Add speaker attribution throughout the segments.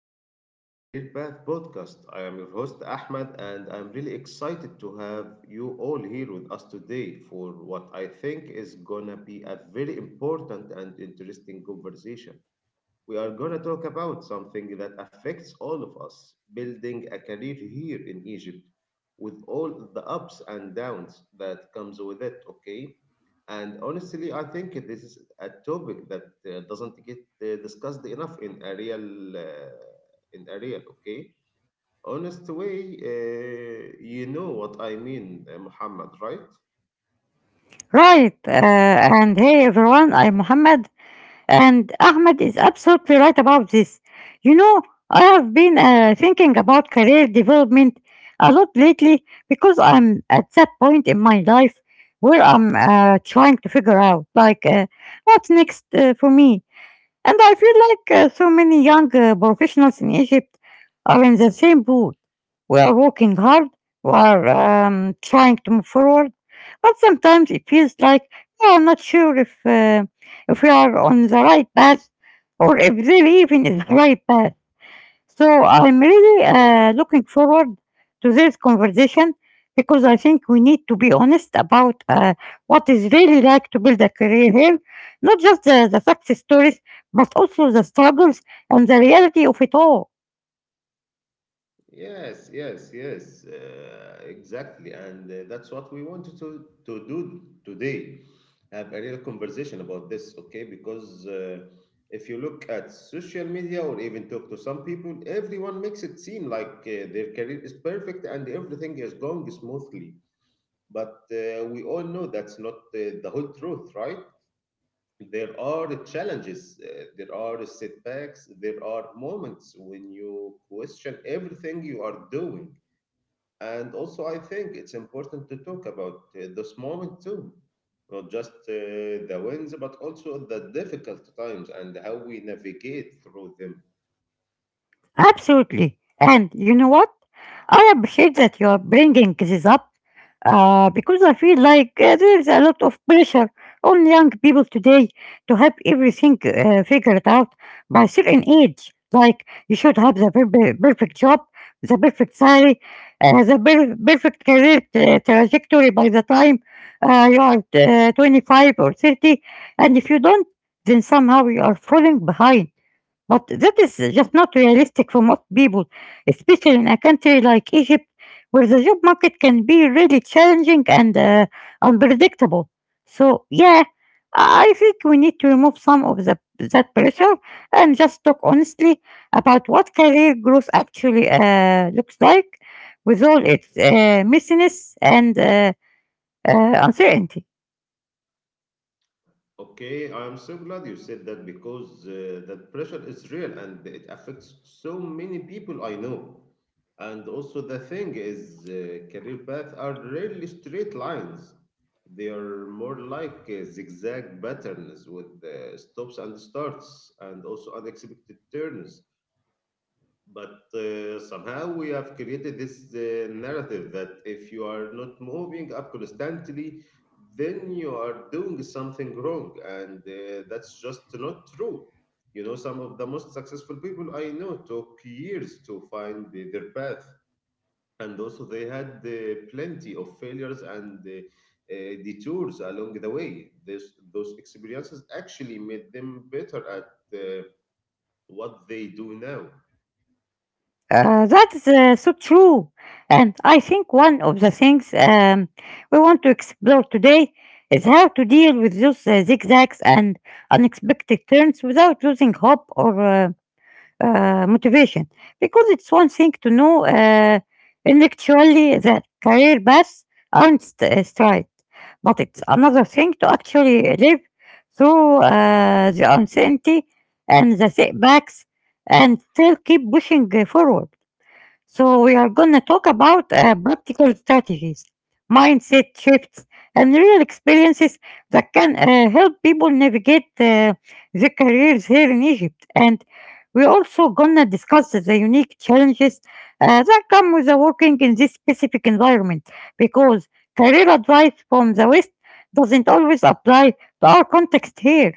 Speaker 1: welcome to the Career Path podcast. I am your host, Ahmed, and I'm really excited to have you all here with us today for what I think is gonna be a very important and interesting conversation. We are going to talk about something that affects all of us building a career here in Egypt with all the ups and downs that comes with it, okay? And honestly, I think this is a topic that doesn't get discussed enough in a real, okay, honest way. uh, you know what I mean, Muhammad, right?
Speaker 2: Right. And hey, everyone, I'm Muhammad, and Ahmed is absolutely right about this. You know, I have been thinking about career development a lot lately because I'm at that point in my life where I'm trying to figure out, like, what's next for me. And I feel like so many young professionals in Egypt are in the same boat. We are working hard, we are trying to move forward, but sometimes it feels like we are not sure if if we are on the right path or if the even is the right path. So I'm really
Speaker 1: Yeah.
Speaker 2: looking forward to this conversation because I think we need to be honest about what is really like to build a career here, not just the success stories, but also the struggles and the reality of it all.
Speaker 1: Yes, yes, yes, exactly. And that's what we wanted to do today. Have a real conversation about this, okay? Because if you look at social media or even talk to some people, everyone makes it seem like their career is perfect and everything is going smoothly. But we all know that's not the whole truth, right? There are challenges, there are setbacks, there are moments when you question everything you are doing. And also, I think it's important to talk about this moment too, not just the wins, but also the difficult times and how we navigate through them.
Speaker 2: Absolutely. And you know what? I appreciate that you are bringing this up. Because I feel like there's a lot of pressure on young people today to have everything figured out by certain age. Like you should have the perfect job, the perfect salary, the perfect career trajectory by the time you are 25 or 30. And if you don't, then somehow you are falling behind. But that is just not realistic for most people, especially in a country like Egypt, where the job market can be really challenging and unpredictable. So, yeah, I think we need to remove some of that pressure and just talk honestly about what career growth actually looks like with all its messiness and uncertainty.
Speaker 1: Okay, I am so glad you said that because that pressure is real and it affects so many people I know. And also, the thing is, career paths are rarely straight lines. They are more like zigzag patterns with stops and starts, and also unexpected turns. But somehow we have created this narrative that if you are not moving up constantly, then you are doing something wrong, and that's just not true. You know, some of the most successful people I know took years to find their path, and also they had plenty of failures and detours along the way. Those experiences actually made them better at uh, what they do now.
Speaker 2: That's so true. And I think one of the things we want to explore today is how to deal with those zigzags and unexpected turns without losing hope or motivation. Because it's one thing to know intellectually that career paths aren't straight, but it's another thing to actually live through the uncertainty and the setbacks and still keep pushing forward. So, we are going to talk about practical strategies, mindset shifts, and real experiences that can help people navigate their careers here in Egypt. And we're also going to discuss the unique challenges that come with working in this specific environment because career advice from the West doesn't always apply to our context here.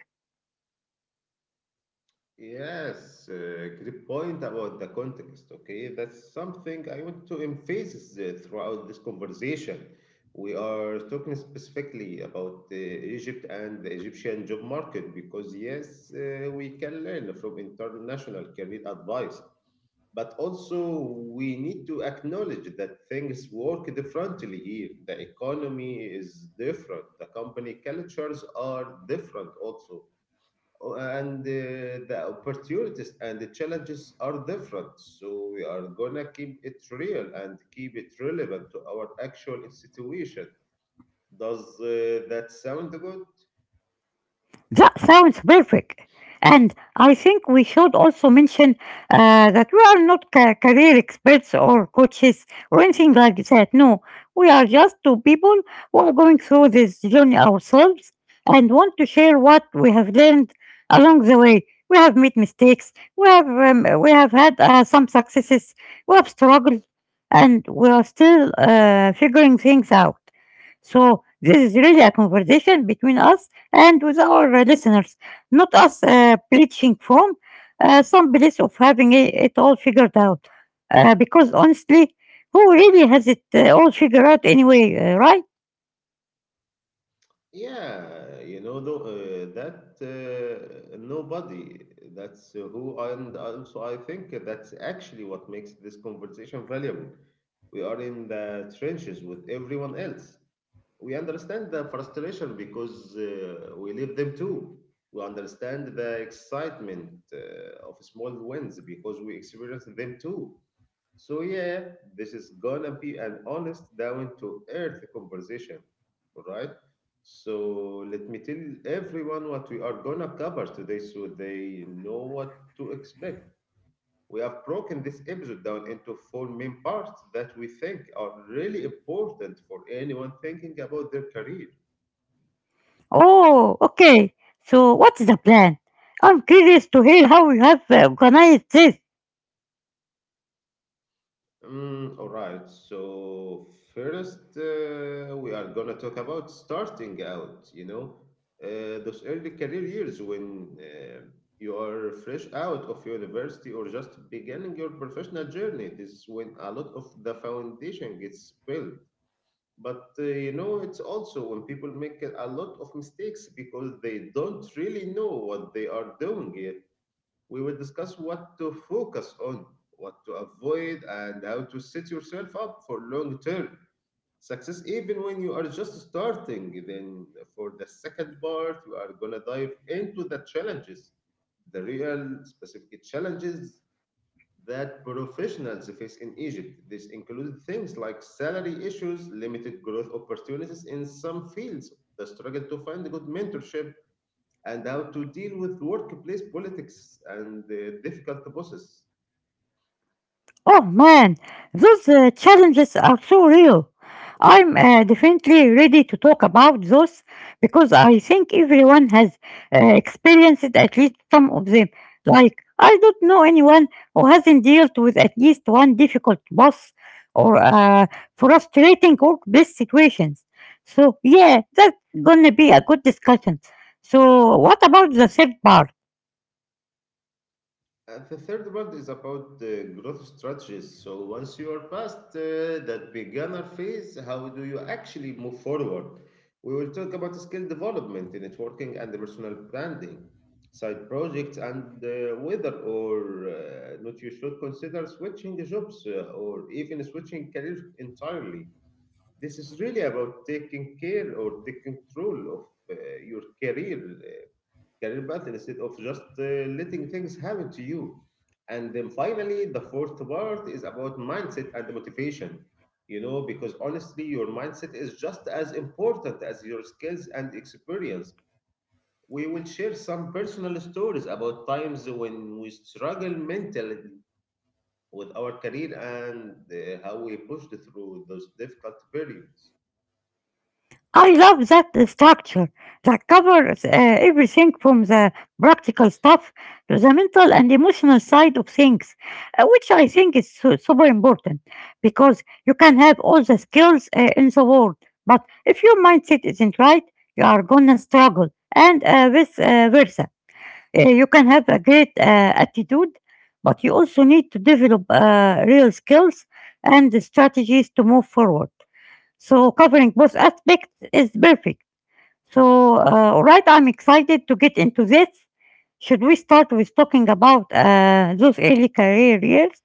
Speaker 1: Yes, great point about the context. Okay, that's something I want to emphasize throughout this conversation. We are talking specifically about Egypt and the Egyptian job market because, yes, we can learn from international career advice, but also we need to acknowledge that things work differently here. The economy is different, the company cultures are different also, and the opportunities and the challenges are different. So we are gonna keep it real and keep it relevant to our actual situation. Does that sound good?
Speaker 2: That sounds perfect. And I think we should also mention that we are not career experts or coaches or anything like that. No, we are just two people who are going through this journey ourselves and want to share what we have learned along the way. We have made mistakes. We have had some successes. We have struggled, and we are still figuring things out. So this is really a conversation between us and with our listeners, not us preaching from some place of having it all figured out. Because honestly, who really has it all figured out anyway, right?
Speaker 1: Yeah, you know, though, that nobody. That's who. And also, I think that's actually what makes this conversation valuable. We are in the trenches with everyone else. We understand the frustration because we live them too. We understand the excitement of small wins because we experience them too. So, yeah, this is gonna be an honest, down to earth conversation, right? So, let me tell everyone what we are gonna cover today so they know what to expect. We have broken this episode down into four main parts that we think are really important for anyone thinking about their career.
Speaker 2: Oh, okay. So what's the plan? I'm curious to hear how you have organized this.
Speaker 1: All right, so first, we are gonna talk about starting out, those early career years when you are fresh out of university or just beginning your professional journey. This is when a lot of the foundation gets built, but you know, it's also when people make a lot of mistakes because they don't really know what they are doing yet. We will discuss what to focus on, what to avoid, and how to set yourself up for long term success even when you are just starting. Then for the second part, we are going to dive into the challenges, the real specific challenges that professionals face in Egypt. This includes things like salary issues, limited growth opportunities in some fields, the struggle to find good mentorship, and how to deal with workplace politics and difficult bosses.
Speaker 2: Oh man, those challenges are so real. I'm definitely ready to talk about those because I think everyone has experienced at least some of them. Like, I don't know anyone who hasn't dealt with at least one difficult boss or frustrating work-based situations. So, yeah, that's gonna be a good discussion. So, what about the third part?
Speaker 1: The third part is about the growth strategies. So once you are past that beginner phase, how do you actually move forward? We will talk about skill development, networking, and personal branding, side projects, and whether or not you should consider switching jobs or even switching careers entirely. This is really about taking care or taking control of your career path instead of just letting things happen to you. And then finally, the fourth part is about mindset and motivation. You know, because honestly, your mindset is just as important as your skills and experience. We will share some personal stories about times when we struggle mentally with our career and how we pushed through those difficult periods.
Speaker 2: I love that structure that covers everything from the practical stuff to the mental and emotional side of things, which I think is super important because you can have all the skills in the world, but if your mindset isn't right, you are gonna struggle, and vice versa. You can have a great attitude, but you also need to develop real skills and strategies to move forward. So covering both aspects is perfect. So all right, I'm excited to get into this. Should we start with talking about those early career years?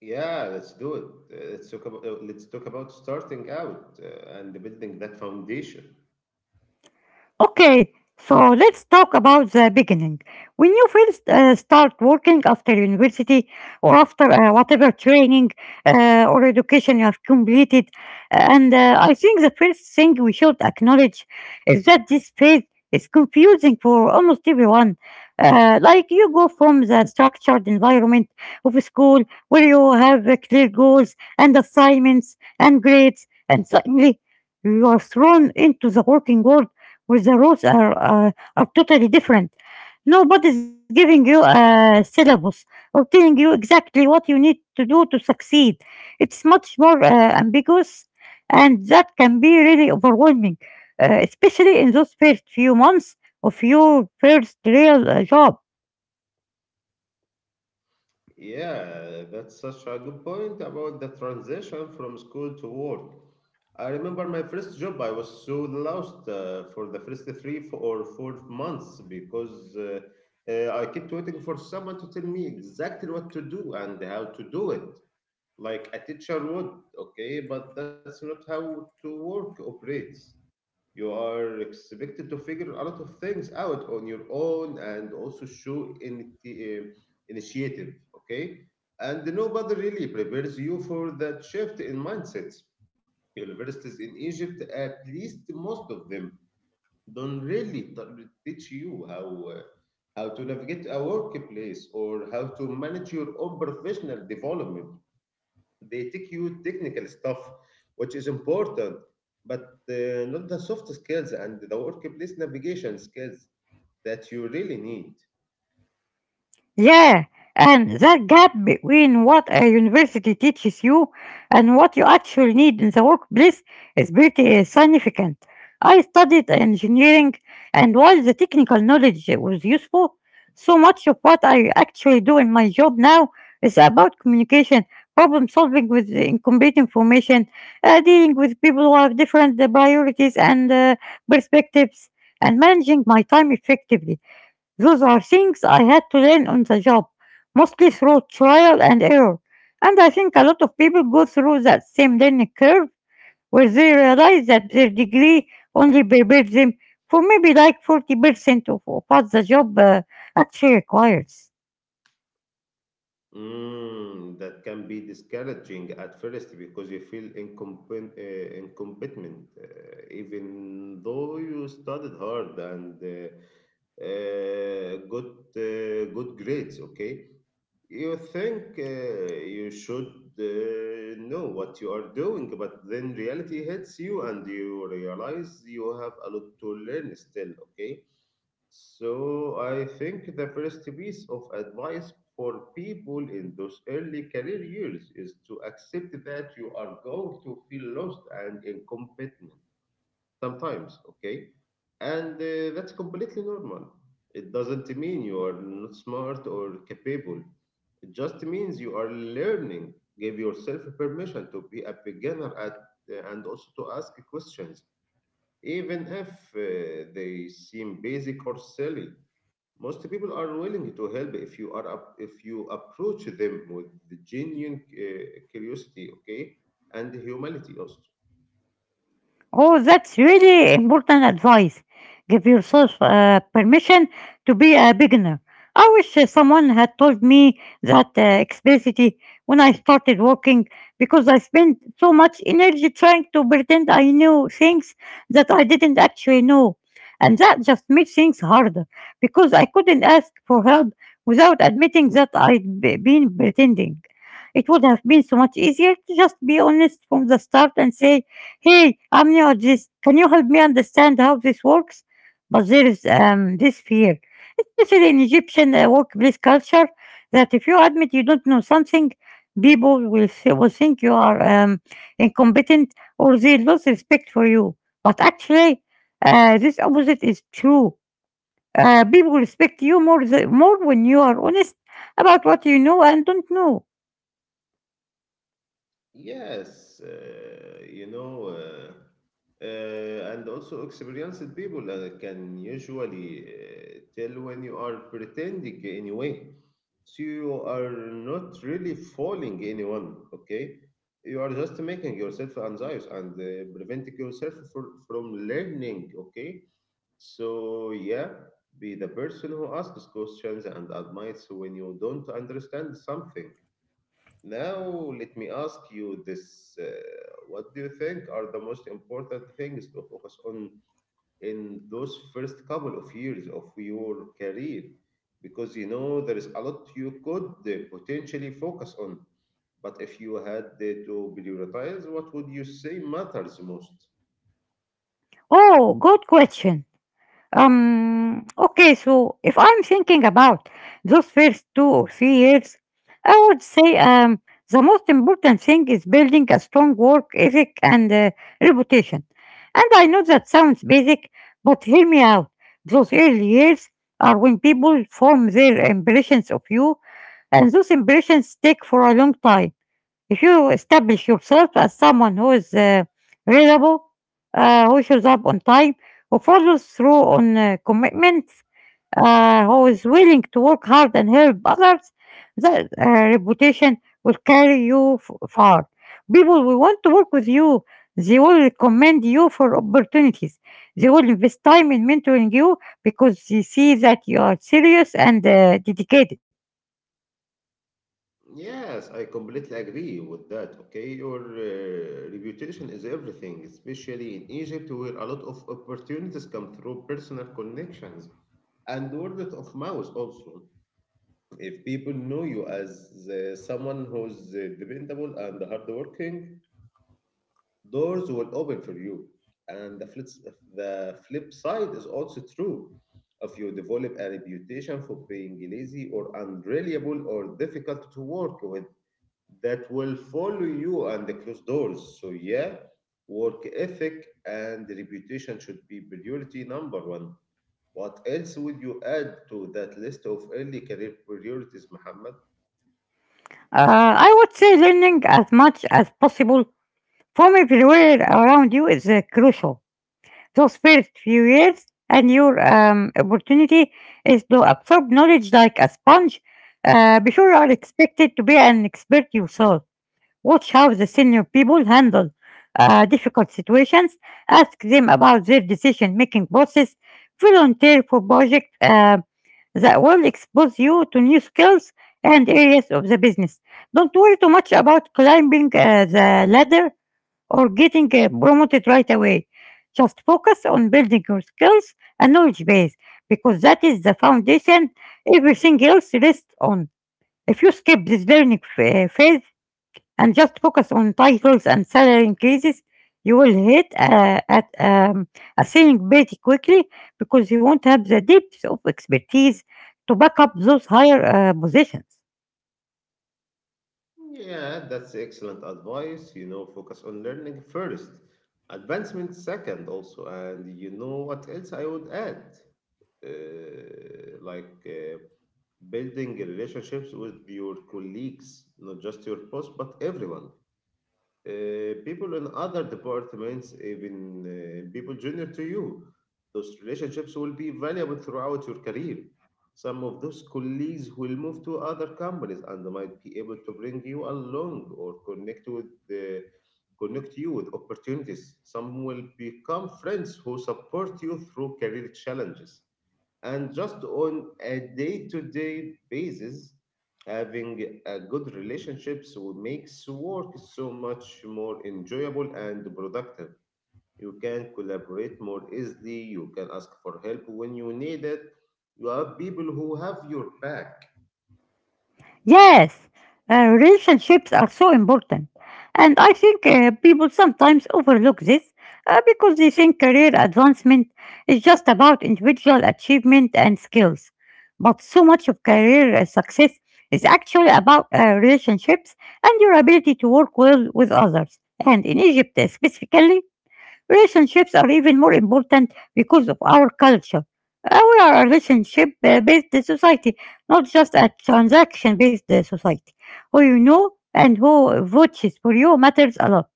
Speaker 1: Yeah, let's do it. Let's talk about starting out and building that foundation.
Speaker 2: Okay, so let's talk about the beginning. When you first start working after university or after whatever training or education you have completed, and I think the first thing we should acknowledge is that this phase is confusing for almost everyone. Like you go from the structured environment of school where you have clear goals and assignments and grades, and suddenly you are thrown into the working world where the rules are totally different. Nobody's giving you a syllabus or telling you exactly what you need to do to succeed. It's much more ambiguous, and that can be really overwhelming, especially in those first few months of your first real job.
Speaker 1: Yeah, that's such a good point about the transition from school to work. I remember my first job, I was so lost for the first 3 or 4 months because I kept waiting for someone to tell me exactly what to do and how to do it, like a teacher would, okay? But that's not how to work operates. You are expected to figure a lot of things out on your own and also show initiative, okay? And nobody really prepares you for that shift in mindsets. Universities in Egypt, at least most of them, don't really teach you how to navigate a workplace or how to manage your own professional development. They teach you technical stuff, which is important, but not the soft skills and the workplace navigation skills that you really need.
Speaker 2: Yeah, and that gap between what a university teaches you and what you actually need in the workplace is pretty significant. I studied engineering, and while the technical knowledge was useful, so much of what I actually do in my job now is about communication, problem solving with incomplete information, dealing with people who have different priorities and perspectives, and managing my time effectively. Those are things I had to learn on the job, mostly through trial and error. And I think a lot of people go through that same learning curve where they realize that their degree only prepared them for maybe like 40% of what the job actually requires.
Speaker 1: That can be discouraging at first because you feel incompetent, even though you studied hard and got good grades, okay? You think you should know what you are doing, but then reality hits you and you realize you have a lot to learn still, okay? So I think the first piece of advice for people in those early career years is to accept that you are going to feel lost and incompetent sometimes, okay? And that's completely normal. It doesn't mean you are not smart or capable. It just means you are learning. Give yourself permission to be a beginner at, and also to ask questions even if they seem basic or silly. Most people are willing to help if if you approach them with genuine curiosity, okay, and humility also.
Speaker 2: Oh, that's really important advice. Give yourself permission to be a beginner. I wish someone had told me that explicitly when I started working because I spent so much energy trying to pretend I knew things that I didn't actually know. And that just made things harder because I couldn't ask for help without admitting that I'd been pretending. It would have been so much easier to just be honest from the start and say, "Hey, I'm not this. Can you help me understand how this works?" But there is this fear, especially in Egyptian workplace culture, that if you admit you don't know something, people will think you are incompetent or they lose respect for you. But actually, this opposite is true. Uh, people respect you more when you are honest about what you know and don't know.
Speaker 1: Yes, and also experienced people can usually tell when you are pretending anyway. So you are not really fooling anyone, okay? You are just making yourself anxious and preventing yourself from learning, okay? So yeah, be the person who asks questions and admits when you don't understand something. Now, let me ask you this. What do you think are the most important things to focus on in those first couple of years of your career? Because there is a lot you could potentially focus on. But if you had to prioritize, what would you say matters most?
Speaker 2: Oh, good question. Okay, so if I'm thinking about those first 2 or 3 years, I would say the most important thing is building a strong work ethic and reputation. And I know that sounds basic, but hear me out. Those early years are when people form their impressions of you, and those impressions take for a long time. If you establish yourself as someone who is reliable, who shows up on time, who follows through on commitments, who is willing to work hard and help others, that reputation will carry you far. People will want to work with you. They will recommend you for opportunities. They will invest time in mentoring you because they see that you are serious and dedicated.
Speaker 1: Yes, I completely agree with that. Okay, your reputation is everything, especially in Egypt, where a lot of opportunities come through personal connections and word of mouth also. If people know you as someone who's dependable and hardworking, doors will open for you. And the flip side is also true. If you develop a reputation for being lazy or unreliable or difficult to work with, that will follow you and the closed doors. So yeah, work ethic and reputation should be priority number one. What else would you add to that list of early career priorities, Muhammad?
Speaker 2: I would say learning as much as possible forming the world around you is crucial. Those first few years and your opportunity is to absorb knowledge like a sponge. Be sure you are expected to be an expert yourself. Watch how the senior people handle difficult situations. Ask them about their decision making process. Volunteer for projects that will expose you to new skills and areas of the business. Don't worry too much about climbing the ladder or getting promoted right away. Just focus on building your skills and knowledge base because that is the foundation everything else rests on. If you skip this learning phase and just focus on titles and salary increases, you will hit at a ceiling pretty quickly because you won't have the depth of expertise to back up those higher positions.
Speaker 1: Yeah, that's excellent advice. Focus on learning first, advancement second, also. And you know what else I would add? Like, building relationships with your colleagues, not just your boss, but everyone, people in other departments, even people junior to you. Those relationships will be valuable throughout your career. Some of those colleagues will move to other companies and might be able to bring you along or connect you with opportunities. Some will become friends who support you through career challenges, and just on a day-to-day basis, having a good relationships will makes work so much more enjoyable and productive. You can collaborate more easily. You can ask for help when you need it. You have people who have your back.
Speaker 2: Yes, relationships are so important. And I think people sometimes overlook this because they think career advancement is just about individual achievement and skills. But so much of career success is actually about relationships and your ability to work well with others. And in Egypt, specifically, relationships are even more important because of our culture. We are a relationship based society, not just a transaction based society. Who you know and who votes for you matters a lot.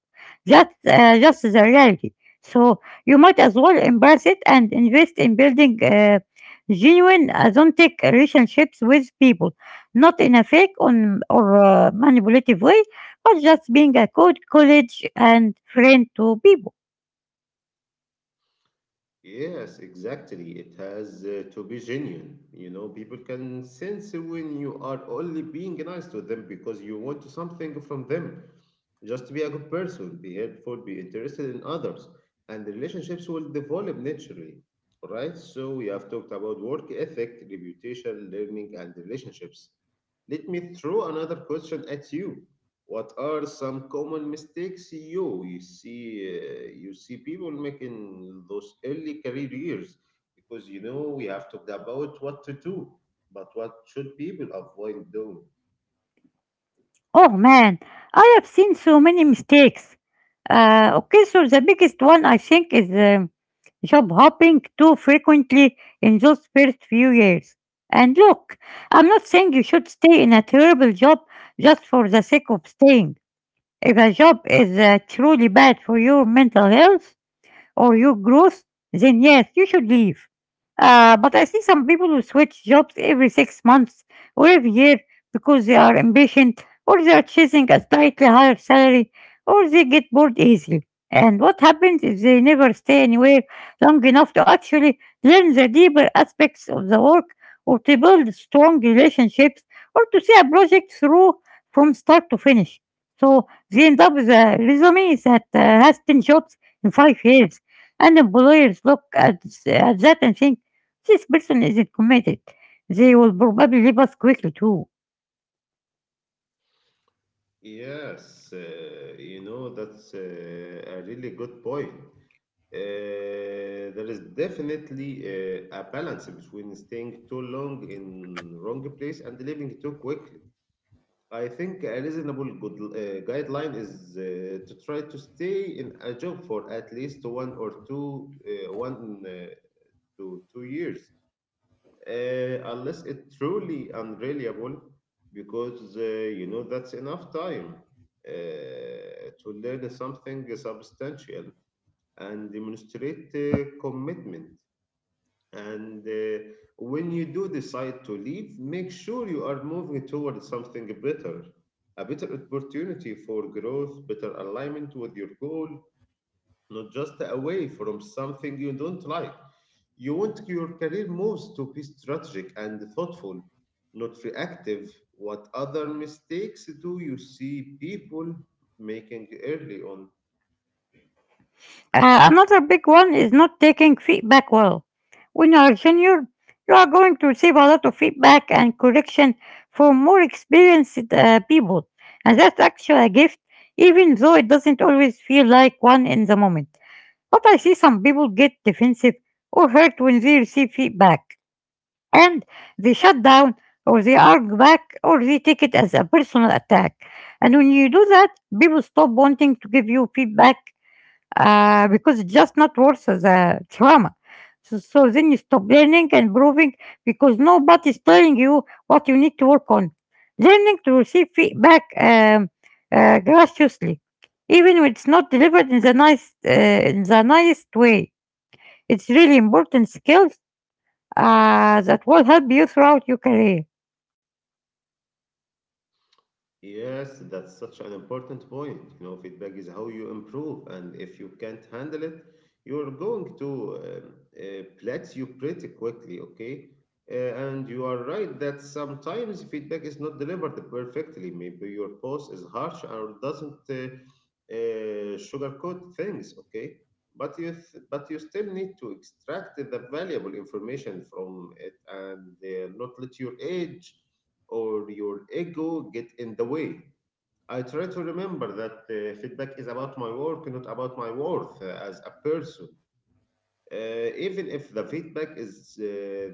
Speaker 2: That's just the reality. So you might as well embrace it and invest in building genuine, authentic relationships with people, not in a fake on, or manipulative way, but just being a good college and friend to people.
Speaker 1: Yes, exactly. It has to be genuine. You know, people can sense when you are only being nice to them because you want something from them. Just be a good person, be helpful, be interested in others, and the relationships will develop naturally. Right? So, we have talked about work ethic, reputation, learning, and relationships. Let me throw another question at you. What are some common mistakes you see you see people making those early career years? Because you know we have talked about what to do, but what should people avoid doing?
Speaker 2: Oh man, I have seen so many mistakes. Okay, so the biggest one I think is job hopping too frequently in those first few years. And look, I'm not saying you should stay in a terrible job just for the sake of staying. If a job is truly bad for your mental health or your growth, then yes, you should leave. But I see some people who switch jobs every 6 months or every year because they are impatient or they are chasing a slightly higher salary or they get bored easily. And what happens if they never stay anywhere long enough to actually learn the deeper aspects of the work or to build strong relationships or to see a project through from start to finish? So they end up with a resume that has 10 jobs in 5 years. And employers look at that and think, this person isn't committed. They will probably leave us quickly too.
Speaker 1: Yes, you know that's a really good point. There is definitely a balance between staying too long in wrong place and leaving too quickly. I think a reasonable good, guideline is to try to stay in a job for at least one or two, one to 2 years, unless it's truly unreliable, because you know that's enough time to learn something substantial and demonstrate commitment. And When you do decide to leave, make sure you are moving towards something better, a better opportunity for growth, better alignment with your goal, not just away from something you don't like. You want your career moves to be strategic and thoughtful, not reactive. What other mistakes do you see people making early on?
Speaker 2: Another big one is not taking feedback well. When you are junior, you are going to receive a lot of feedback and correction from more experienced people, and that's actually a gift, even though it doesn't always feel like one in the moment. But I see some people get defensive or hurt when they receive feedback. And they shut down or they argue back or they take it as a personal attack. And when you do that, people stop wanting to give you feedback because it's just not worth the trauma. So then you stop learning and proving because nobody's telling you what you need to work on. Learning to receive feedback graciously, even when it's not delivered in the nice way, it's really important skill that will help you throughout your career.
Speaker 1: Yes, that's such an important point. You know, feedback is how you improve, and if you can't handle it, you're going to plateau pretty quickly, okay? And you are right that sometimes feedback is not delivered perfectly. Maybe your boss is harsh or doesn't sugarcoat things, okay? But you still need to extract the valuable information from it and not let your age or your ego get in the way. I try to remember that feedback is about my work, not about my worth as a person. Even if the feedback is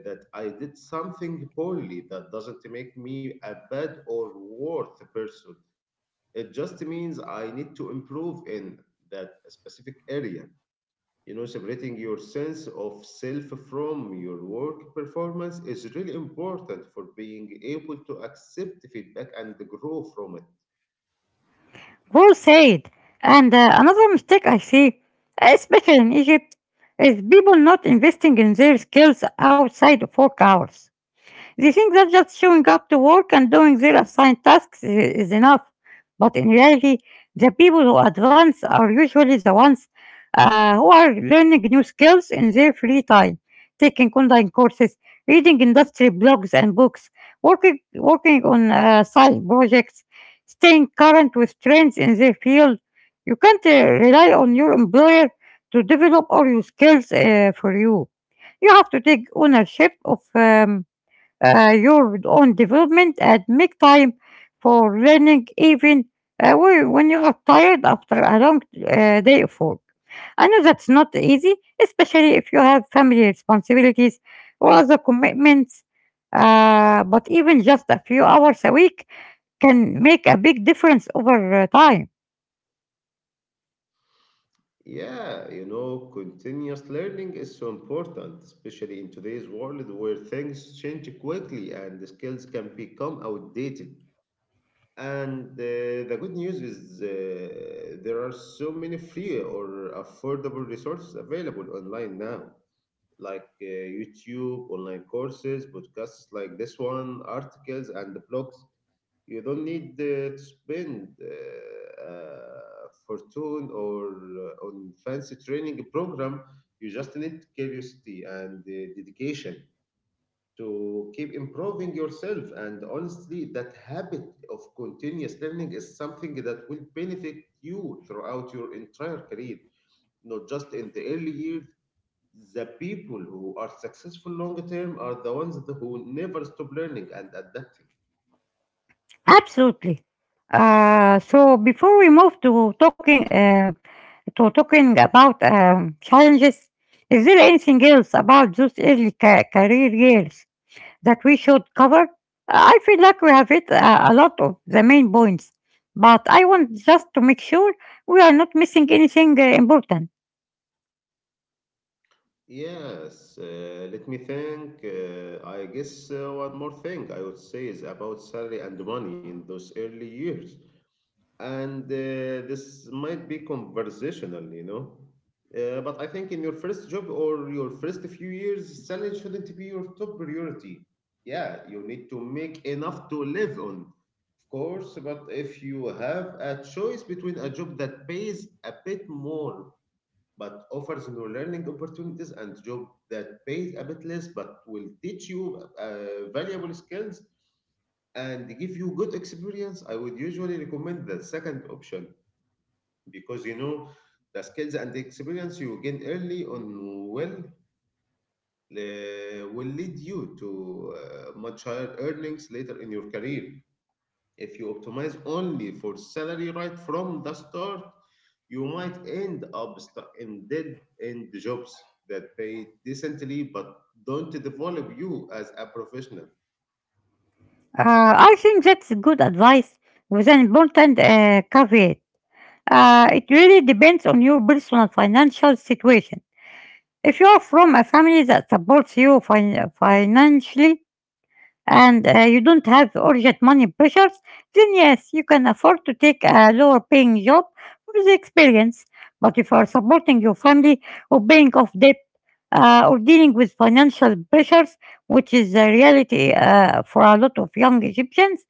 Speaker 1: that I did something poorly, that doesn't make me a bad or worth person. It just means I need to improve in that specific area. You know, separating your sense of self from your work performance is really important for being able to accept feedback and grow from it.
Speaker 2: Well said. And another mistake I see, especially in Egypt, is people not investing in their skills outside of work hours. They think that just showing up to work and doing their assigned tasks is enough. But in reality, the people who advance are usually the ones who are learning new skills in their free time, taking online courses, reading industry blogs and books, working on side projects, staying current with trends in their field. You can't rely on your employer to develop all your skills for you. You have to take ownership of your own development and make time for learning even when you are tired after a long day of work. I know that's not easy, especially if you have family responsibilities or other commitments, but even just a few hours a week can make a big difference over time.
Speaker 1: Yeah, you know, continuous learning is so important, especially in today's world where things change quickly and the skills can become outdated. And the good news is there are so many free or affordable resources available online now, like YouTube, online courses, podcasts like this one, articles, and blogs. You don't need to spend a fortune or on fancy training program. You just need curiosity and dedication to keep improving yourself. And honestly, that habit of continuous learning is something that will benefit you throughout your entire career, not just in the early years. The people who are successful long term are the ones that who never stop learning and adapting.
Speaker 2: Absolutely. So before we move to talking about challenges, is there anything else about those early career years that we should cover? I feel like we have hit a lot of the main points, but I want just to make sure we are not missing anything important.
Speaker 1: Yes, let me think. I guess one more thing I would say is about salary and money in those early years. And this might be conversational, you know, but I think in your first job or your first few years, salary shouldn't be your top priority. Yeah, you need to make enough to live on, of course, but if you have a choice between a job that pays a bit more but offers new learning opportunities and job that pays a bit less but will teach you valuable skills and give you good experience, I would usually recommend the second option, because you know the skills and the experience you gain early on will will lead you to much higher earnings later in your career. If you optimize only for salary right from the start, you might end up in dead end jobs that pay decently but don't develop you as a professional.
Speaker 2: I think that's good advice with an important caveat. It really depends on your personal financial situation. If you are from a family that supports you financially, and you don't have urgent money pressures, then yes, you can afford to take a lower paying job for the experience. But if you are supporting your family or paying off debt or dealing with financial pressures, which is the reality for a lot of young Egyptians,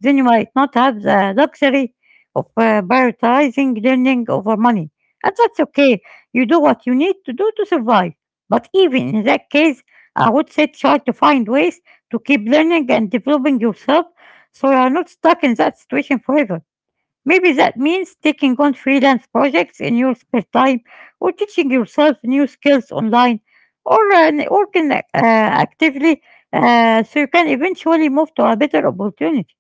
Speaker 2: then you might not have the luxury of prioritizing learning over money. And that's okay. You do what you need to do to survive. But even in that case, I would say try to find ways to keep learning and developing yourself so you are not stuck in that situation forever. Maybe that means taking on freelance projects in your spare time or teaching yourself new skills online or working actively so you can eventually move to a better opportunity.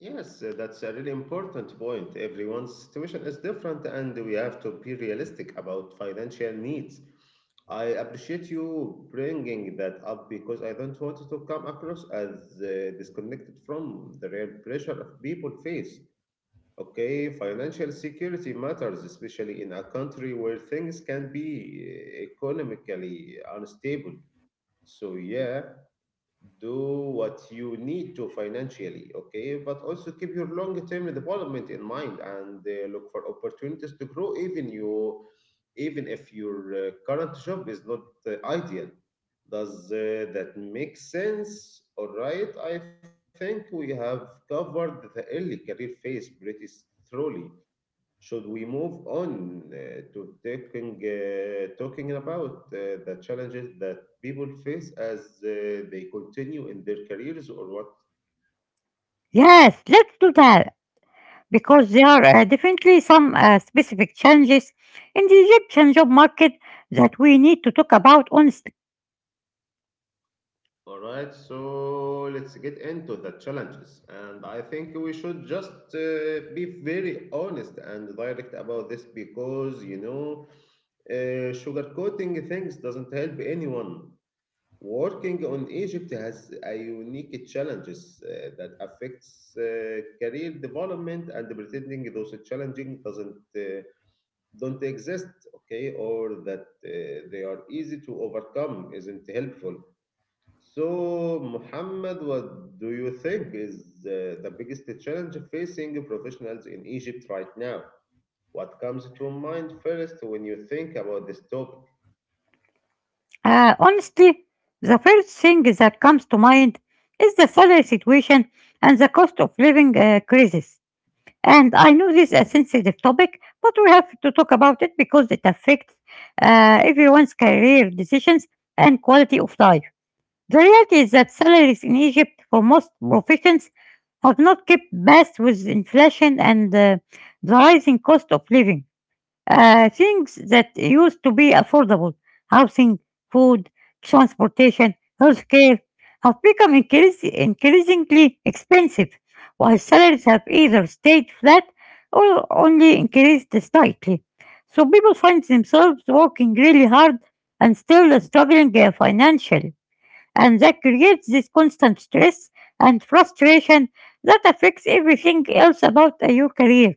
Speaker 1: Yes, that's a really important point. Everyone's situation is different, and we have to be realistic about financial needs. I appreciate you bringing that up because I don't want it to come across as disconnected from the real pressure of people face. Okay, financial security matters, especially in a country where things can be economically unstable. So, yeah, do what you need to financially, okay, but also keep your long term development in mind and look for opportunities to grow, even you. Even if your current job is not ideal, does that make sense? All right, I think we have covered the early career phase pretty thoroughly. Should we move on talking about the challenges that people face as they continue in their careers or what?
Speaker 2: Yes, let's do that because there are definitely some specific challenges in the Egyptian job market that we need to talk about honestly.
Speaker 1: All right, so let's get into the challenges. And I think we should just be very honest and direct about this because, you know, sugarcoating things doesn't help anyone. Working on Egypt has a unique challenges that affects career development, and pretending those challenging doesn't don't exist, okay, or that they are easy to overcome isn't helpful. So, Muhammad, what do you think is the biggest challenge facing professionals in Egypt right now? What comes to mind first when you think about this topic?
Speaker 2: Honestly, the first thing that comes to mind is the salary situation and the cost of living crisis. And I know this is a sensitive topic, but we have to talk about it because it affects everyone's career decisions and quality of life. The reality is that salaries in Egypt for most professions have not kept pace with inflation and the rising cost of living. Things that used to be affordable, housing, food, transportation, healthcare, have become increasingly expensive, while salaries have either stayed flat or only increased slightly. So people find themselves working really hard and still struggling financially. And that creates this constant stress and frustration that affects everything else about your career.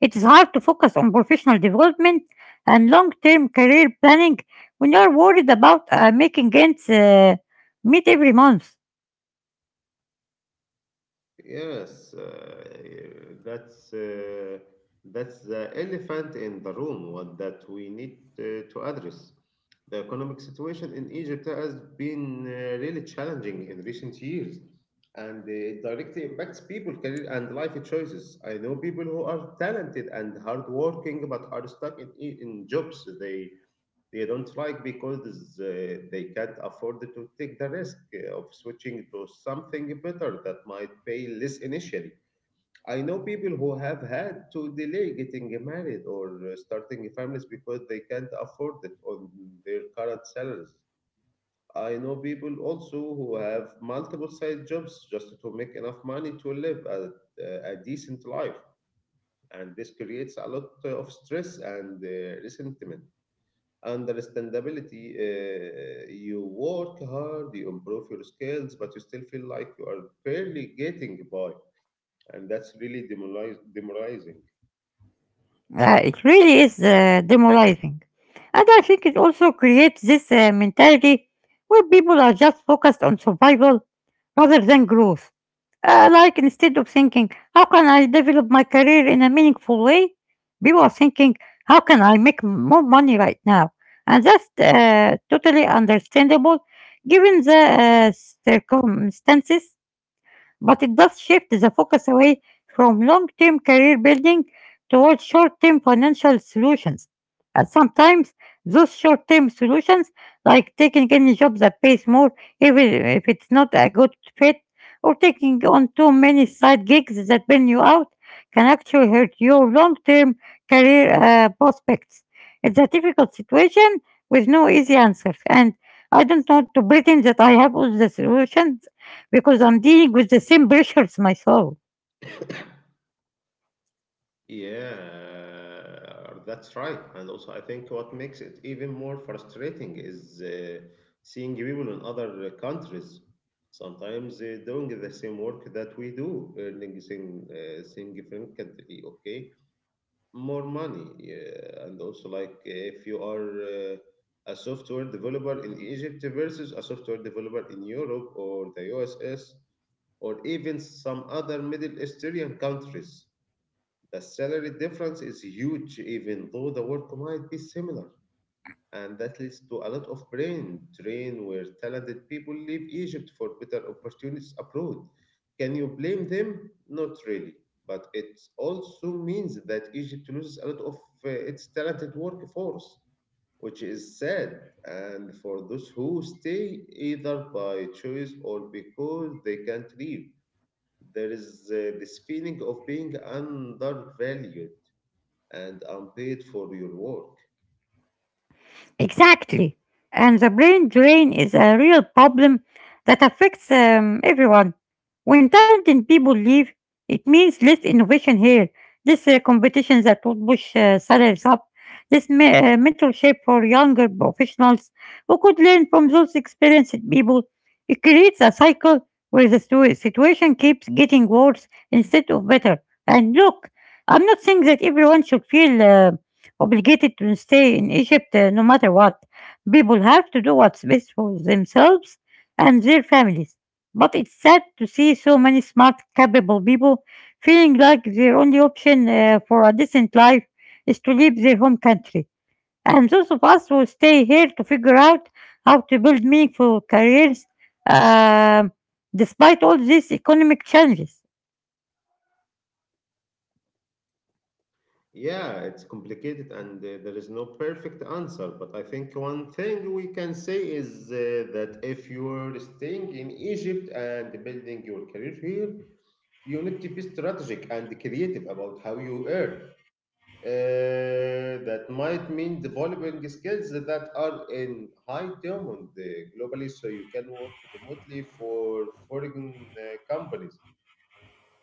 Speaker 2: It is hard to focus on professional development and long term career planning when you are worried about making ends meet every month.
Speaker 1: Yes, that's uh, that's the elephant in the room What that we need to address. The economic situation in Egypt has been really challenging in recent years, and it directly impacts people, career, and life choices. I know people who are talented and hardworking but are stuck in jobs they don't like because they can't afford to take the risk of switching to something better that might pay less initially. I know people who have had to delay getting married or starting families because they can't afford it on their current salaries. I know people also who have multiple side jobs just to make enough money to live a decent life, and this creates a lot of stress and resentment understandability. You work hard, you improve your skills, but you still feel like you are barely getting by, and that's really demoralizing.
Speaker 2: It really is demoralizing. And I think it also creates this mentality where people are just focused on survival rather than growth. Like instead of thinking, how can I develop my career in a meaningful way? People are thinking, how can I make more money right now? And that's totally understandable given the circumstances, but it does shift the focus away from long-term career building towards short-term financial solutions. And sometimes those short-term solutions, like taking any job that pays more even if it's not a good fit, or taking on too many side gigs that burn you out, can actually hurt your long-term career prospects. It's a difficult situation with no easy answers, and I don't want to pretend that I have all the solutions because I'm dealing with the same pressures myself.
Speaker 1: Yeah, that's right. And also I think what makes it even more frustrating is seeing people in other countries sometimes doing the same work that we do, earning significantly, okay, more money, yeah. And also, like, if you are a software developer in Egypt versus a software developer in Europe or the USS or even some other Middle Eastern countries, the salary difference is huge, even though the work might be similar. And that leads to a lot of brain drain where talented people leave Egypt for better opportunities abroad. Can you blame them? Not really. But it also means that Egypt loses a lot of its talented workforce, which is sad. And for those who stay, either by choice or because they can't leave, there is this feeling of being undervalued and unpaid for your work.
Speaker 2: Exactly. And the brain drain is a real problem that affects everyone. When talented people leave, it means less innovation here, less competition that would push salaries up, less mentorship for younger professionals who could learn from those experienced people. It creates a cycle where the situation keeps getting worse instead of better. And look, I'm not saying that everyone should feel obligated to stay in Egypt no matter what. People have to do what's best for themselves and their families. But it's sad to see so many smart, capable people feeling like their only option for a decent life is to leave their home country. And those of us who stay here to figure out how to build meaningful careers um, despite all these economic challenges.
Speaker 1: Yeah, it's complicated, and there is no perfect answer. But I think one thing we can say is that if you're staying in Egypt and building your career here, you need to be strategic and creative about how you earn. That might mean developing skills that are in high demand globally, so you can work remotely for foreign companies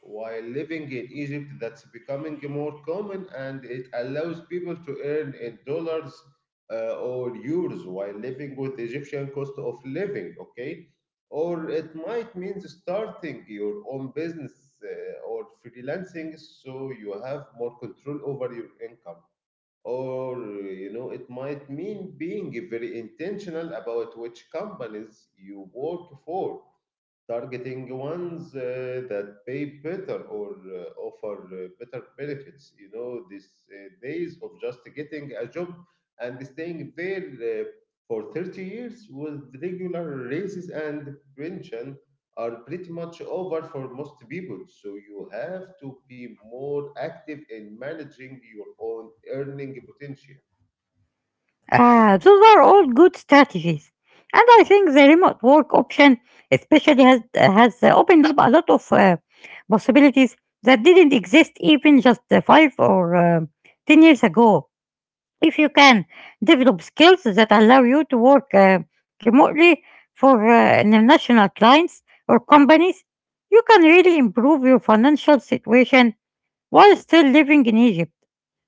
Speaker 1: while living in Egypt. That's becoming more common, and it allows people to earn in dollars or euros while living with Egyptian cost of living, okay? Or it might mean starting your own business or freelancing, so you have more control over your income. Or, you know, it might mean being very intentional about which companies you work for, targeting ones that pay better or offer better benefits. You know, these days of just getting a job and staying there for 30 years with regular raises and pension are pretty much over for most people. So you have to be more active in managing your own earning potential.
Speaker 2: Ah, those are all good strategies. And I think the remote work option especially has opened up a lot of possibilities that didn't exist even just 5 or 10 years ago. If you can develop skills that allow you to work remotely for international clients or companies, you can really improve your financial situation while still living in Egypt,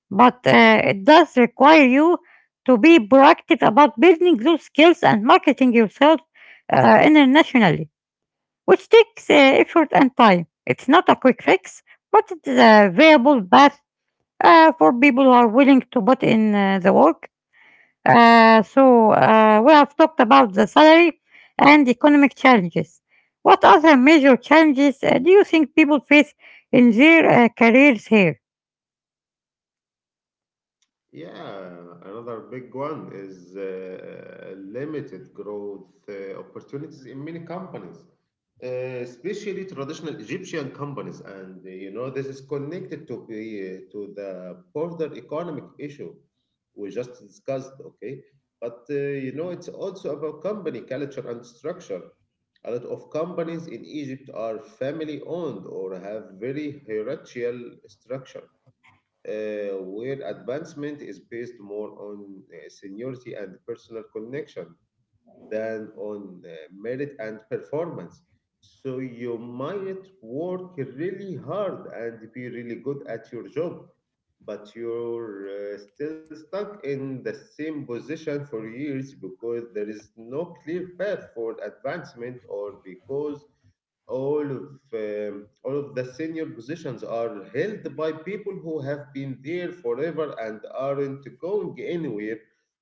Speaker 2: but it does require you to be proactive about building those skills and marketing yourself internationally, which takes effort and time. It's not a quick fix, but it is a viable path for people who are willing to put in the work. So, we have talked about the salary and economic challenges. What other major challenges do you think people face in their careers here?
Speaker 1: Yeah, another big one is limited growth opportunities in many companies, especially traditional Egyptian companies. And you know, this is connected to the broader economic issue we just discussed, okay? But you know, it's also about company culture and structure. A lot of companies in Egypt are family owned or have very hierarchical structure where advancement is based more on seniority and personal connection than on merit and performance. So you might work really hard and be really good at your job, but you're still stuck in the same position for years because there is no clear path for advancement, or because all of the senior positions are held by people who have been there forever and aren't going anywhere,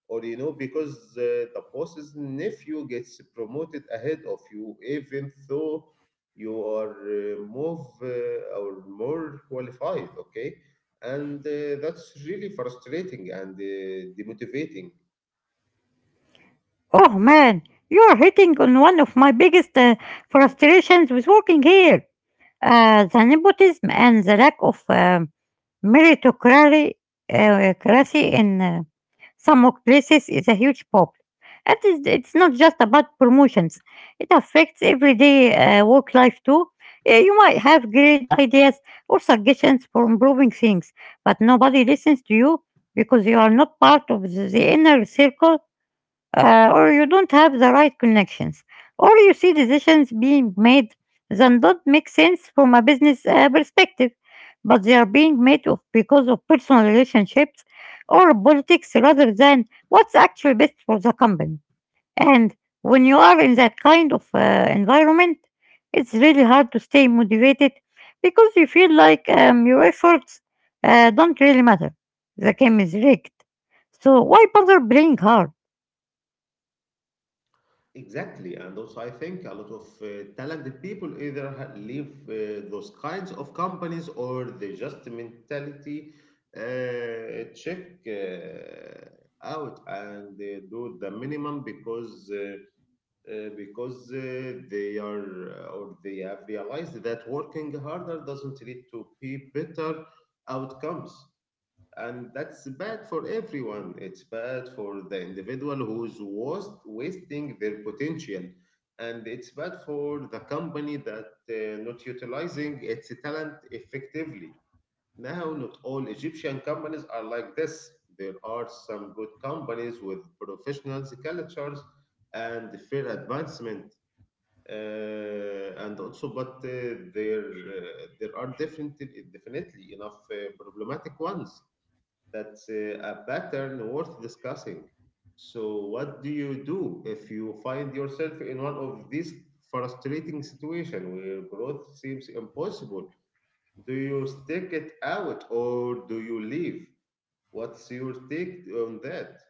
Speaker 1: or you know because the boss's nephew gets promoted ahead of you even though you are more or more qualified, okay? and That's really frustrating and demotivating.
Speaker 2: Oh man, you're hitting on one of my biggest frustrations with working here. The nepotism and the lack of meritocracy cracy in some workplaces is a huge problem. It's not just about promotions, it affects everyday work life too. You might have great ideas or suggestions for improving things, but nobody listens to you because you are not part of the inner circle or you don't have the right connections, or you see decisions being made that don't make sense from a business perspective, but they are being made because of personal relationships or politics rather than what's actually best for the company. And when you are in that kind of environment, it's really hard to stay motivated because you feel like your efforts don't really matter. The game is rigged. So why bother playing hard?
Speaker 1: Exactly, and also I think a lot of talented people either leave those kinds of companies, or they just mentality check out and they do the minimum because they are or they have realized that working harder doesn't lead to be better outcomes. And that's bad for everyone. It's bad for the individual who's was wasting their potential, and it's bad for the company that not utilizing its talent effectively. Now, not all Egyptian companies are like this. There are some good companies with professional cultures and fair advancement, and also, but there are different, definitely enough problematic ones. That's a pattern worth discussing. So, what do you do if you find yourself in one of these frustrating situations where growth seems impossible? Do you stick it out or do you leave? What's your take on that?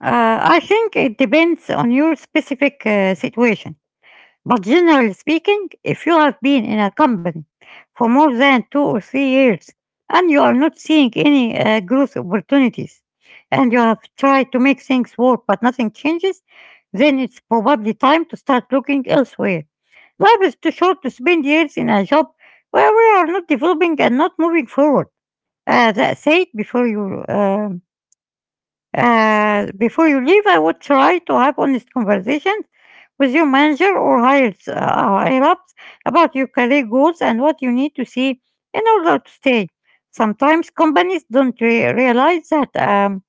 Speaker 2: I think it depends on your specific situation. But generally speaking, if you have been in a company for more than 2 or 3 years and you are not seeing any growth opportunities and you have tried to make things work but nothing changes, then it's probably time to start looking elsewhere. Life is too short to spend years in a job where we are not developing and not moving forward. That's it before you. Before you leave, I would try to have honest conversations with your manager or hired higher ups about your career goals and what you need to see in order to stay. Sometimes companies don't realize that um,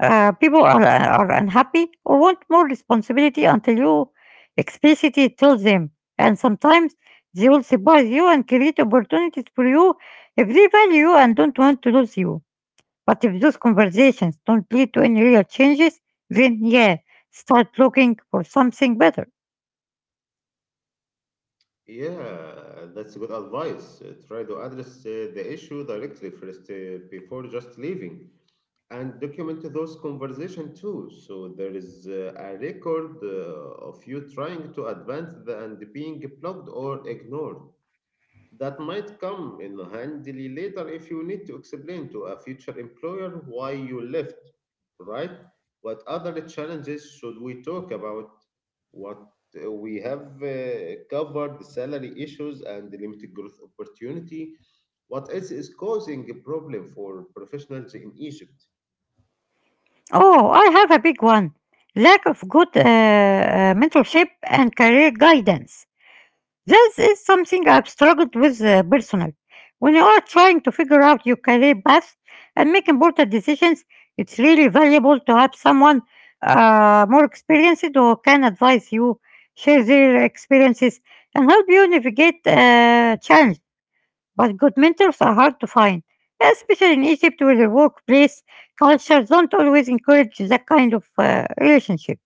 Speaker 2: uh, people are unhappy or want more responsibility until you explicitly tell them. And sometimes they will surprise you and create opportunities for you if they value you and don't want to lose you. But if those conversations don't lead to any real changes, then yeah, start looking for something better.
Speaker 1: Yeah, that's good advice. Try to address the issue directly first before just leaving, and document those conversations too. So there is a record of you trying to advance the, and being blocked or ignored. That might come in handy later if you need to explain to a future employer why you left, right? What other challenges should we talk about? What We have covered salary issues and the limited growth opportunity. What else is causing a problem for professionals in Egypt?
Speaker 2: Oh, I have a big one. Lack of good mentorship and career guidance. This is something I've struggled with personally. When you are trying to figure out your career path and make important decisions, it's really valuable to have someone more experienced who can advise you, share their experiences, and help you navigate challenges. But good mentors are hard to find, especially in Egypt where the workplace culture don't always encourage that kind of relationship.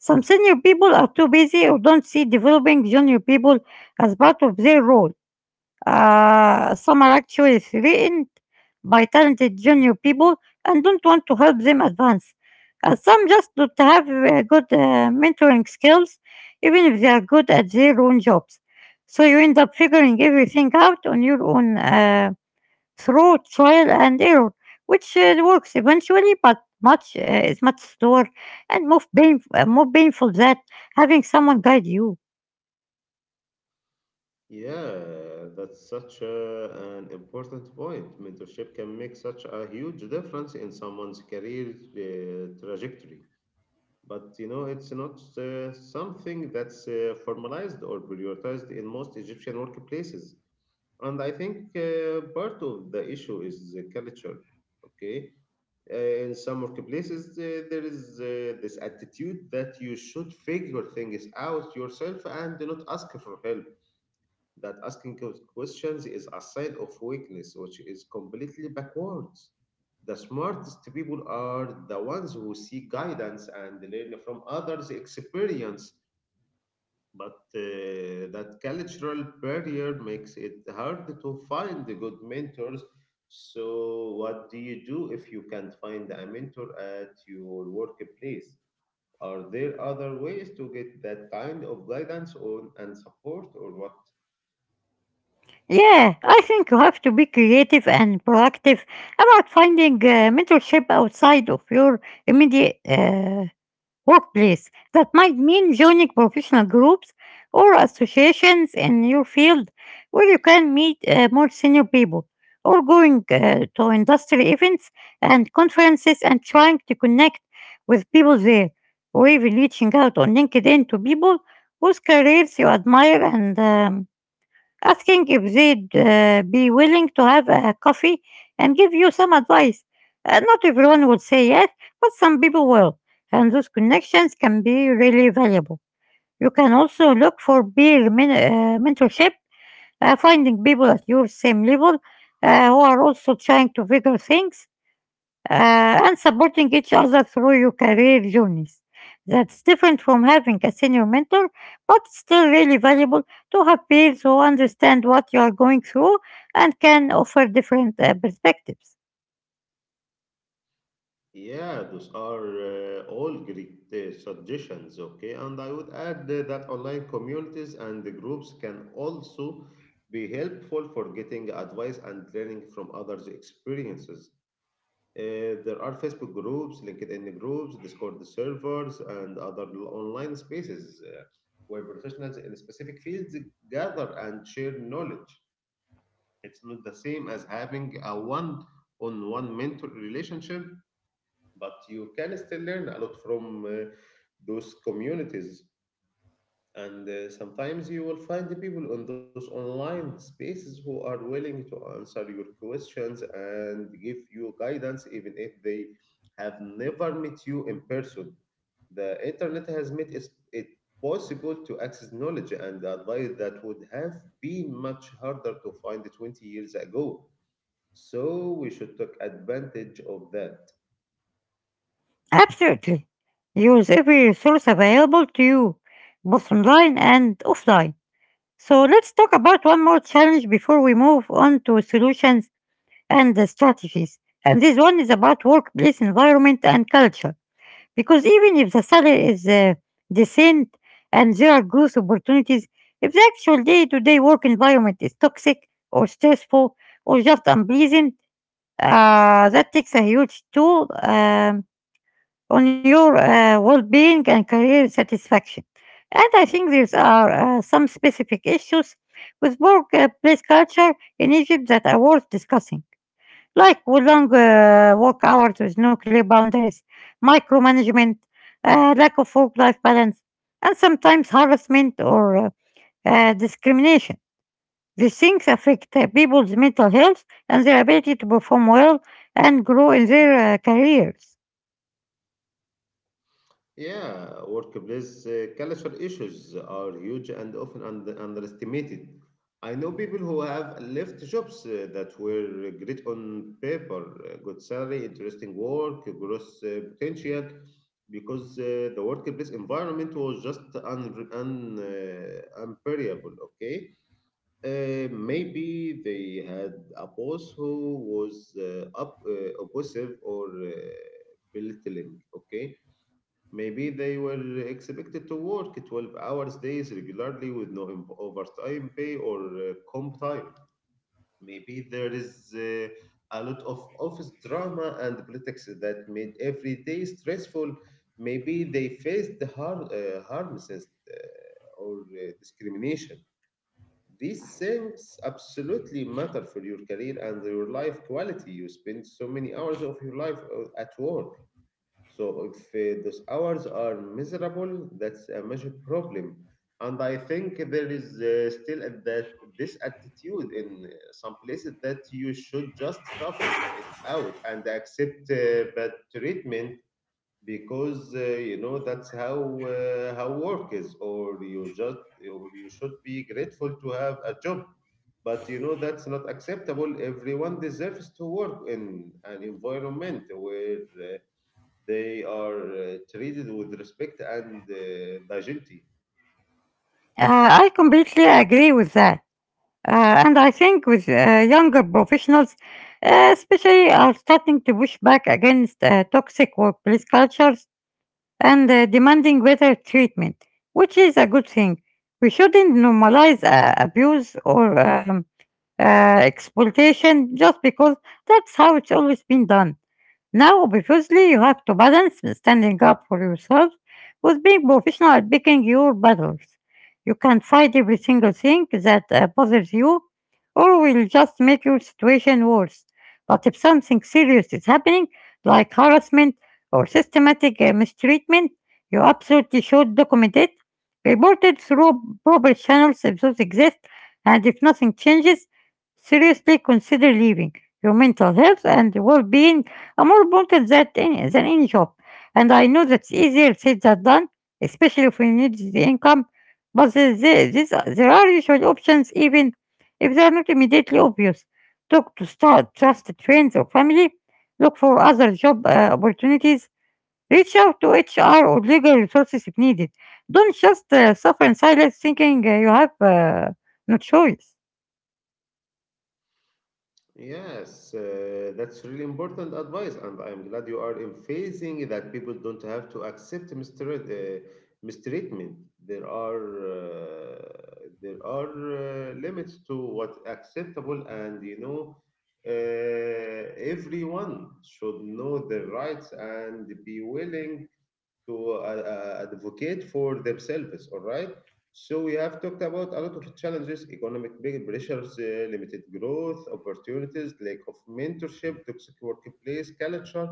Speaker 2: Some senior people are too busy or don't see developing junior people as part of their role. Some are actually threatened by talented junior people and don't want to help them advance. Some just don't have good mentoring skills, even if they are good at their own jobs. So you end up figuring everything out on your own through trial and error, which works eventually, but much is much slower and more painful than having someone guide you.
Speaker 1: Yeah, that's such a, an important point. Mentorship can make such a huge difference in someone's career trajectory. But you know, it's not something that's formalized or prioritized in most Egyptian workplaces. And I think part of the issue is the culture. Okay, in some workplaces, there is this attitude that you should figure things out yourself and do not ask for help, that asking questions is a sign of weakness, which is completely backwards. The smartest people are the ones who seek guidance and learn from others' experience, but that cultural barrier makes it hard to find the good mentors. So, what do you do if you can't find a mentor at your workplace? Are there other ways to get that kind of guidance on and support, or what?
Speaker 2: Yeah, I think you have to be creative and proactive about finding mentorship outside of your immediate workplace. That might mean joining professional groups or associations in your field where you can meet more senior people, or going to industry events and conferences and trying to connect with people there, or even reaching out on LinkedIn to people whose careers you admire and asking if they'd be willing to have a coffee and give you some advice. Not everyone would say yes, but some people will, and those connections can be really valuable. You can also look for peer mentorship, finding people at your same level who are also trying to figure things and supporting each other through your career journeys. That's different from having a senior mentor, but still really valuable to have peers who understand what you are going through and can offer different perspectives.
Speaker 1: Yeah, those are all great suggestions, okay? And I would add that online communities and the groups can also be helpful for getting advice and learning from others' experiences. There are Facebook groups, LinkedIn groups, Discord servers, and other online spaces where professionals in specific fields gather and share knowledge. It's not the same as having a one on one mentor relationship, but you can still learn a lot from those communities. And sometimes you will find the people on those online spaces who are willing to answer your questions and give you guidance, even if they have never met you in person. The internet has made it possible to access knowledge and advice that would have been much harder to find 20 years ago. So we should take advantage of that.
Speaker 2: Absolutely. Use every resource available to you, both online and offline. So let's talk about one more challenge before we move on to solutions and the strategies. And this one is about workplace environment and culture. Because even if the salary is decent and there are growth opportunities, if the actual day to day work environment is toxic or stressful or just unpleasant, that takes a huge toll on your well being and career satisfaction. And I think there are some specific issues with workplace culture in Egypt that are worth discussing like with long work hours with no clear boundaries, micromanagement, lack of work life balance, and sometimes harassment or discrimination. These things affect people's mental health and their ability to perform well and grow in their careers.
Speaker 1: Yeah, workplace culture issues are huge and often und underestimated. I know people who have left jobs that were great on paper, good salary, interesting work, growth potential, because the workplace environment was just unbearable, okay? Maybe they had a boss who was oppressive or belittling, okay? Maybe they were expected to work 12 hours days regularly with no overtime pay or comp time. Maybe there is a lot of office drama and politics that made every day stressful. Maybe they faced the harm since, or discrimination. These things absolutely matter for your career and your life quality. You spend so many hours of your life at work. So if those hours are miserable, that's a major problem. And I think there is still at that this attitude in some places that you should just tough it out and accept bad treatment because you know that's how work is, or you just or you should be grateful to have a job. But you know that's not acceptable. Everyone deserves to work in an environment where. They are treated with respect and dignity.
Speaker 2: Uh, I completely agree with that. And I think with younger professionals, especially are starting to push back against toxic workplace cultures and demanding better treatment, which is a good thing. We shouldn't normalize abuse or exploitation just because that's how it's always been done. Now, obviously, you have to balance standing up for yourself with being professional at picking your battles. You can't fight every single thing that bothers you or will just make your situation worse. But if something serious is happening, like harassment or systematic mistreatment, you absolutely should document it, report it through proper channels if those exist, and if nothing changes, seriously consider leaving. Your mental health and well being I Amor wanted that any than any job, and I know that's easier said than done, especially if we need the income. But this, there are usual options, even if they are not immediately obvious. Talk to start trusted friends or family. Look for other job opportunities. Reach out to HR or legal resources if needed. Don't just suffer in silence, thinking you have no choice.
Speaker 1: Yes, that's really important advice, and I'm glad you are emphasizing that people don't have to accept mistreatment. There are uh, there are limits to what's acceptable, and you know, everyone should know their rights and be willing to advocate for themselves. All right. So we have talked about a lot of challenges: economic big pressures, limited growth, opportunities, lack of mentorship, toxic workplace culture.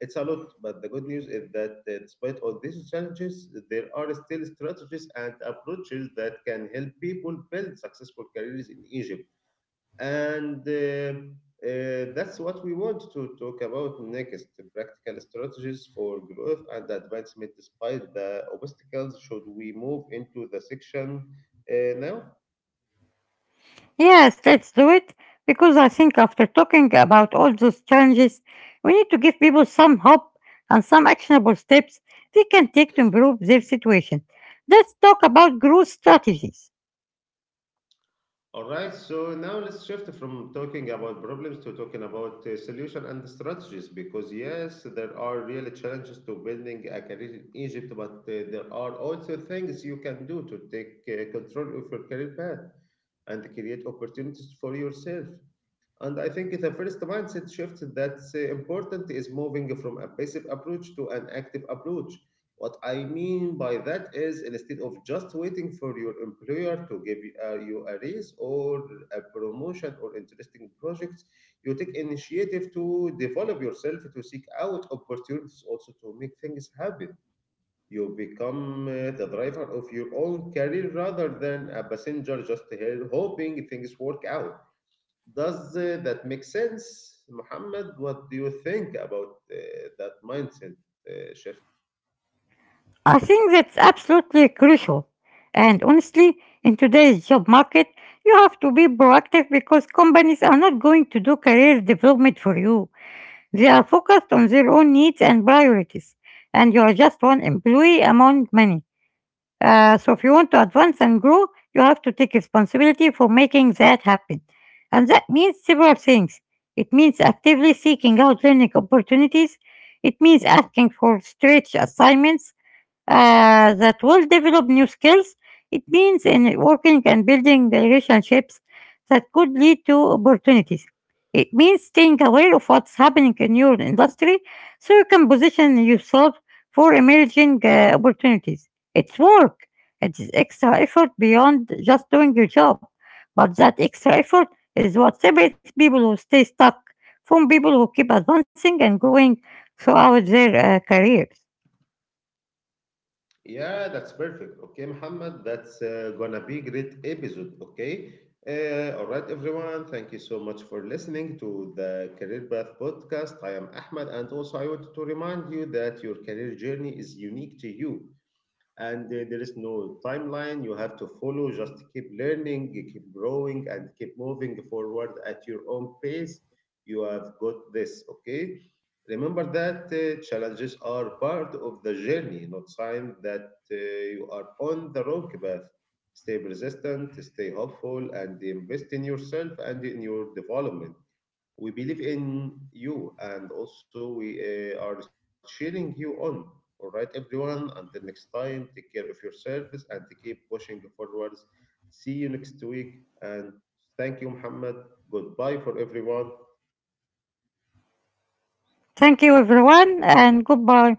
Speaker 1: It's a lot, but the good news is that despite all these challenges, there are still strategies and approaches that can help people build successful careers in Egypt, and that's what we want to talk about next: practical strategies for growth and advancement despite the obstacles. Should we move into the section now?
Speaker 2: Yes, let's do it because I think after talking about all those challenges, we need to give people some hope and some actionable steps they can take to improve their situation. Let's talk about growth strategies.
Speaker 1: All right, so now let's shift from talking about problems to talking about solution and strategies, because yes there are really challenges to building a career in Egypt, but there are also things you can do to take control of your career path and create opportunities for yourself. And I think the first mindset shift that's important is moving from a passive approach to an active approach. What I mean by that is, instead of just waiting for your employer to give you you a raise or a promotion or interesting projects, you take initiative to develop yourself, to seek out opportunities, also to make things happen. You become the driver of your own career rather than a passenger just here hoping things work out. Does that make sense, Muhammad? What do you think about that mindset shift?
Speaker 2: I think that's absolutely crucial. And honestly, in today's job market, you have to be proactive because companies are not going to do career development for you. They are focused on their own needs and priorities, and you are just one employee among many. So if you want to advance and grow, you have to take responsibility for making that happen. And that means several things. It means actively seeking out learning opportunities. It means asking for stretch assignments that will develop new skills. It means in working and building relationships that could lead to opportunities. It means staying aware of what's happening in your industry so you can position yourself for emerging opportunities. It's work. It is extra effort beyond just doing your job. But that extra effort is what separates people who stay stuck from people who keep advancing and growing throughout their careers.
Speaker 1: Yeah, that's perfect. Okay, Muhammad, that's gonna be great episode. Okay. All right, everyone. Thank you so much for listening to the Career Path podcast. I am Ahmed, and also I want to remind you that your career journey is unique to you. And there is no timeline you have to follow. Just keep learning, keep growing, and keep moving forward at your own pace. You have got this, okay? Remember that challenges are part of the journey, not sign that you are on the wrong path. Stay persistent, stay hopeful, and invest in yourself and in your development. We believe in you, and also we are cheering you on. All right, everyone, until next time, take care of yourselves and keep pushing forwards. See you next week, and thank you, Muhammad. Goodbye for everyone.
Speaker 2: Thank you, everyone, and goodbye.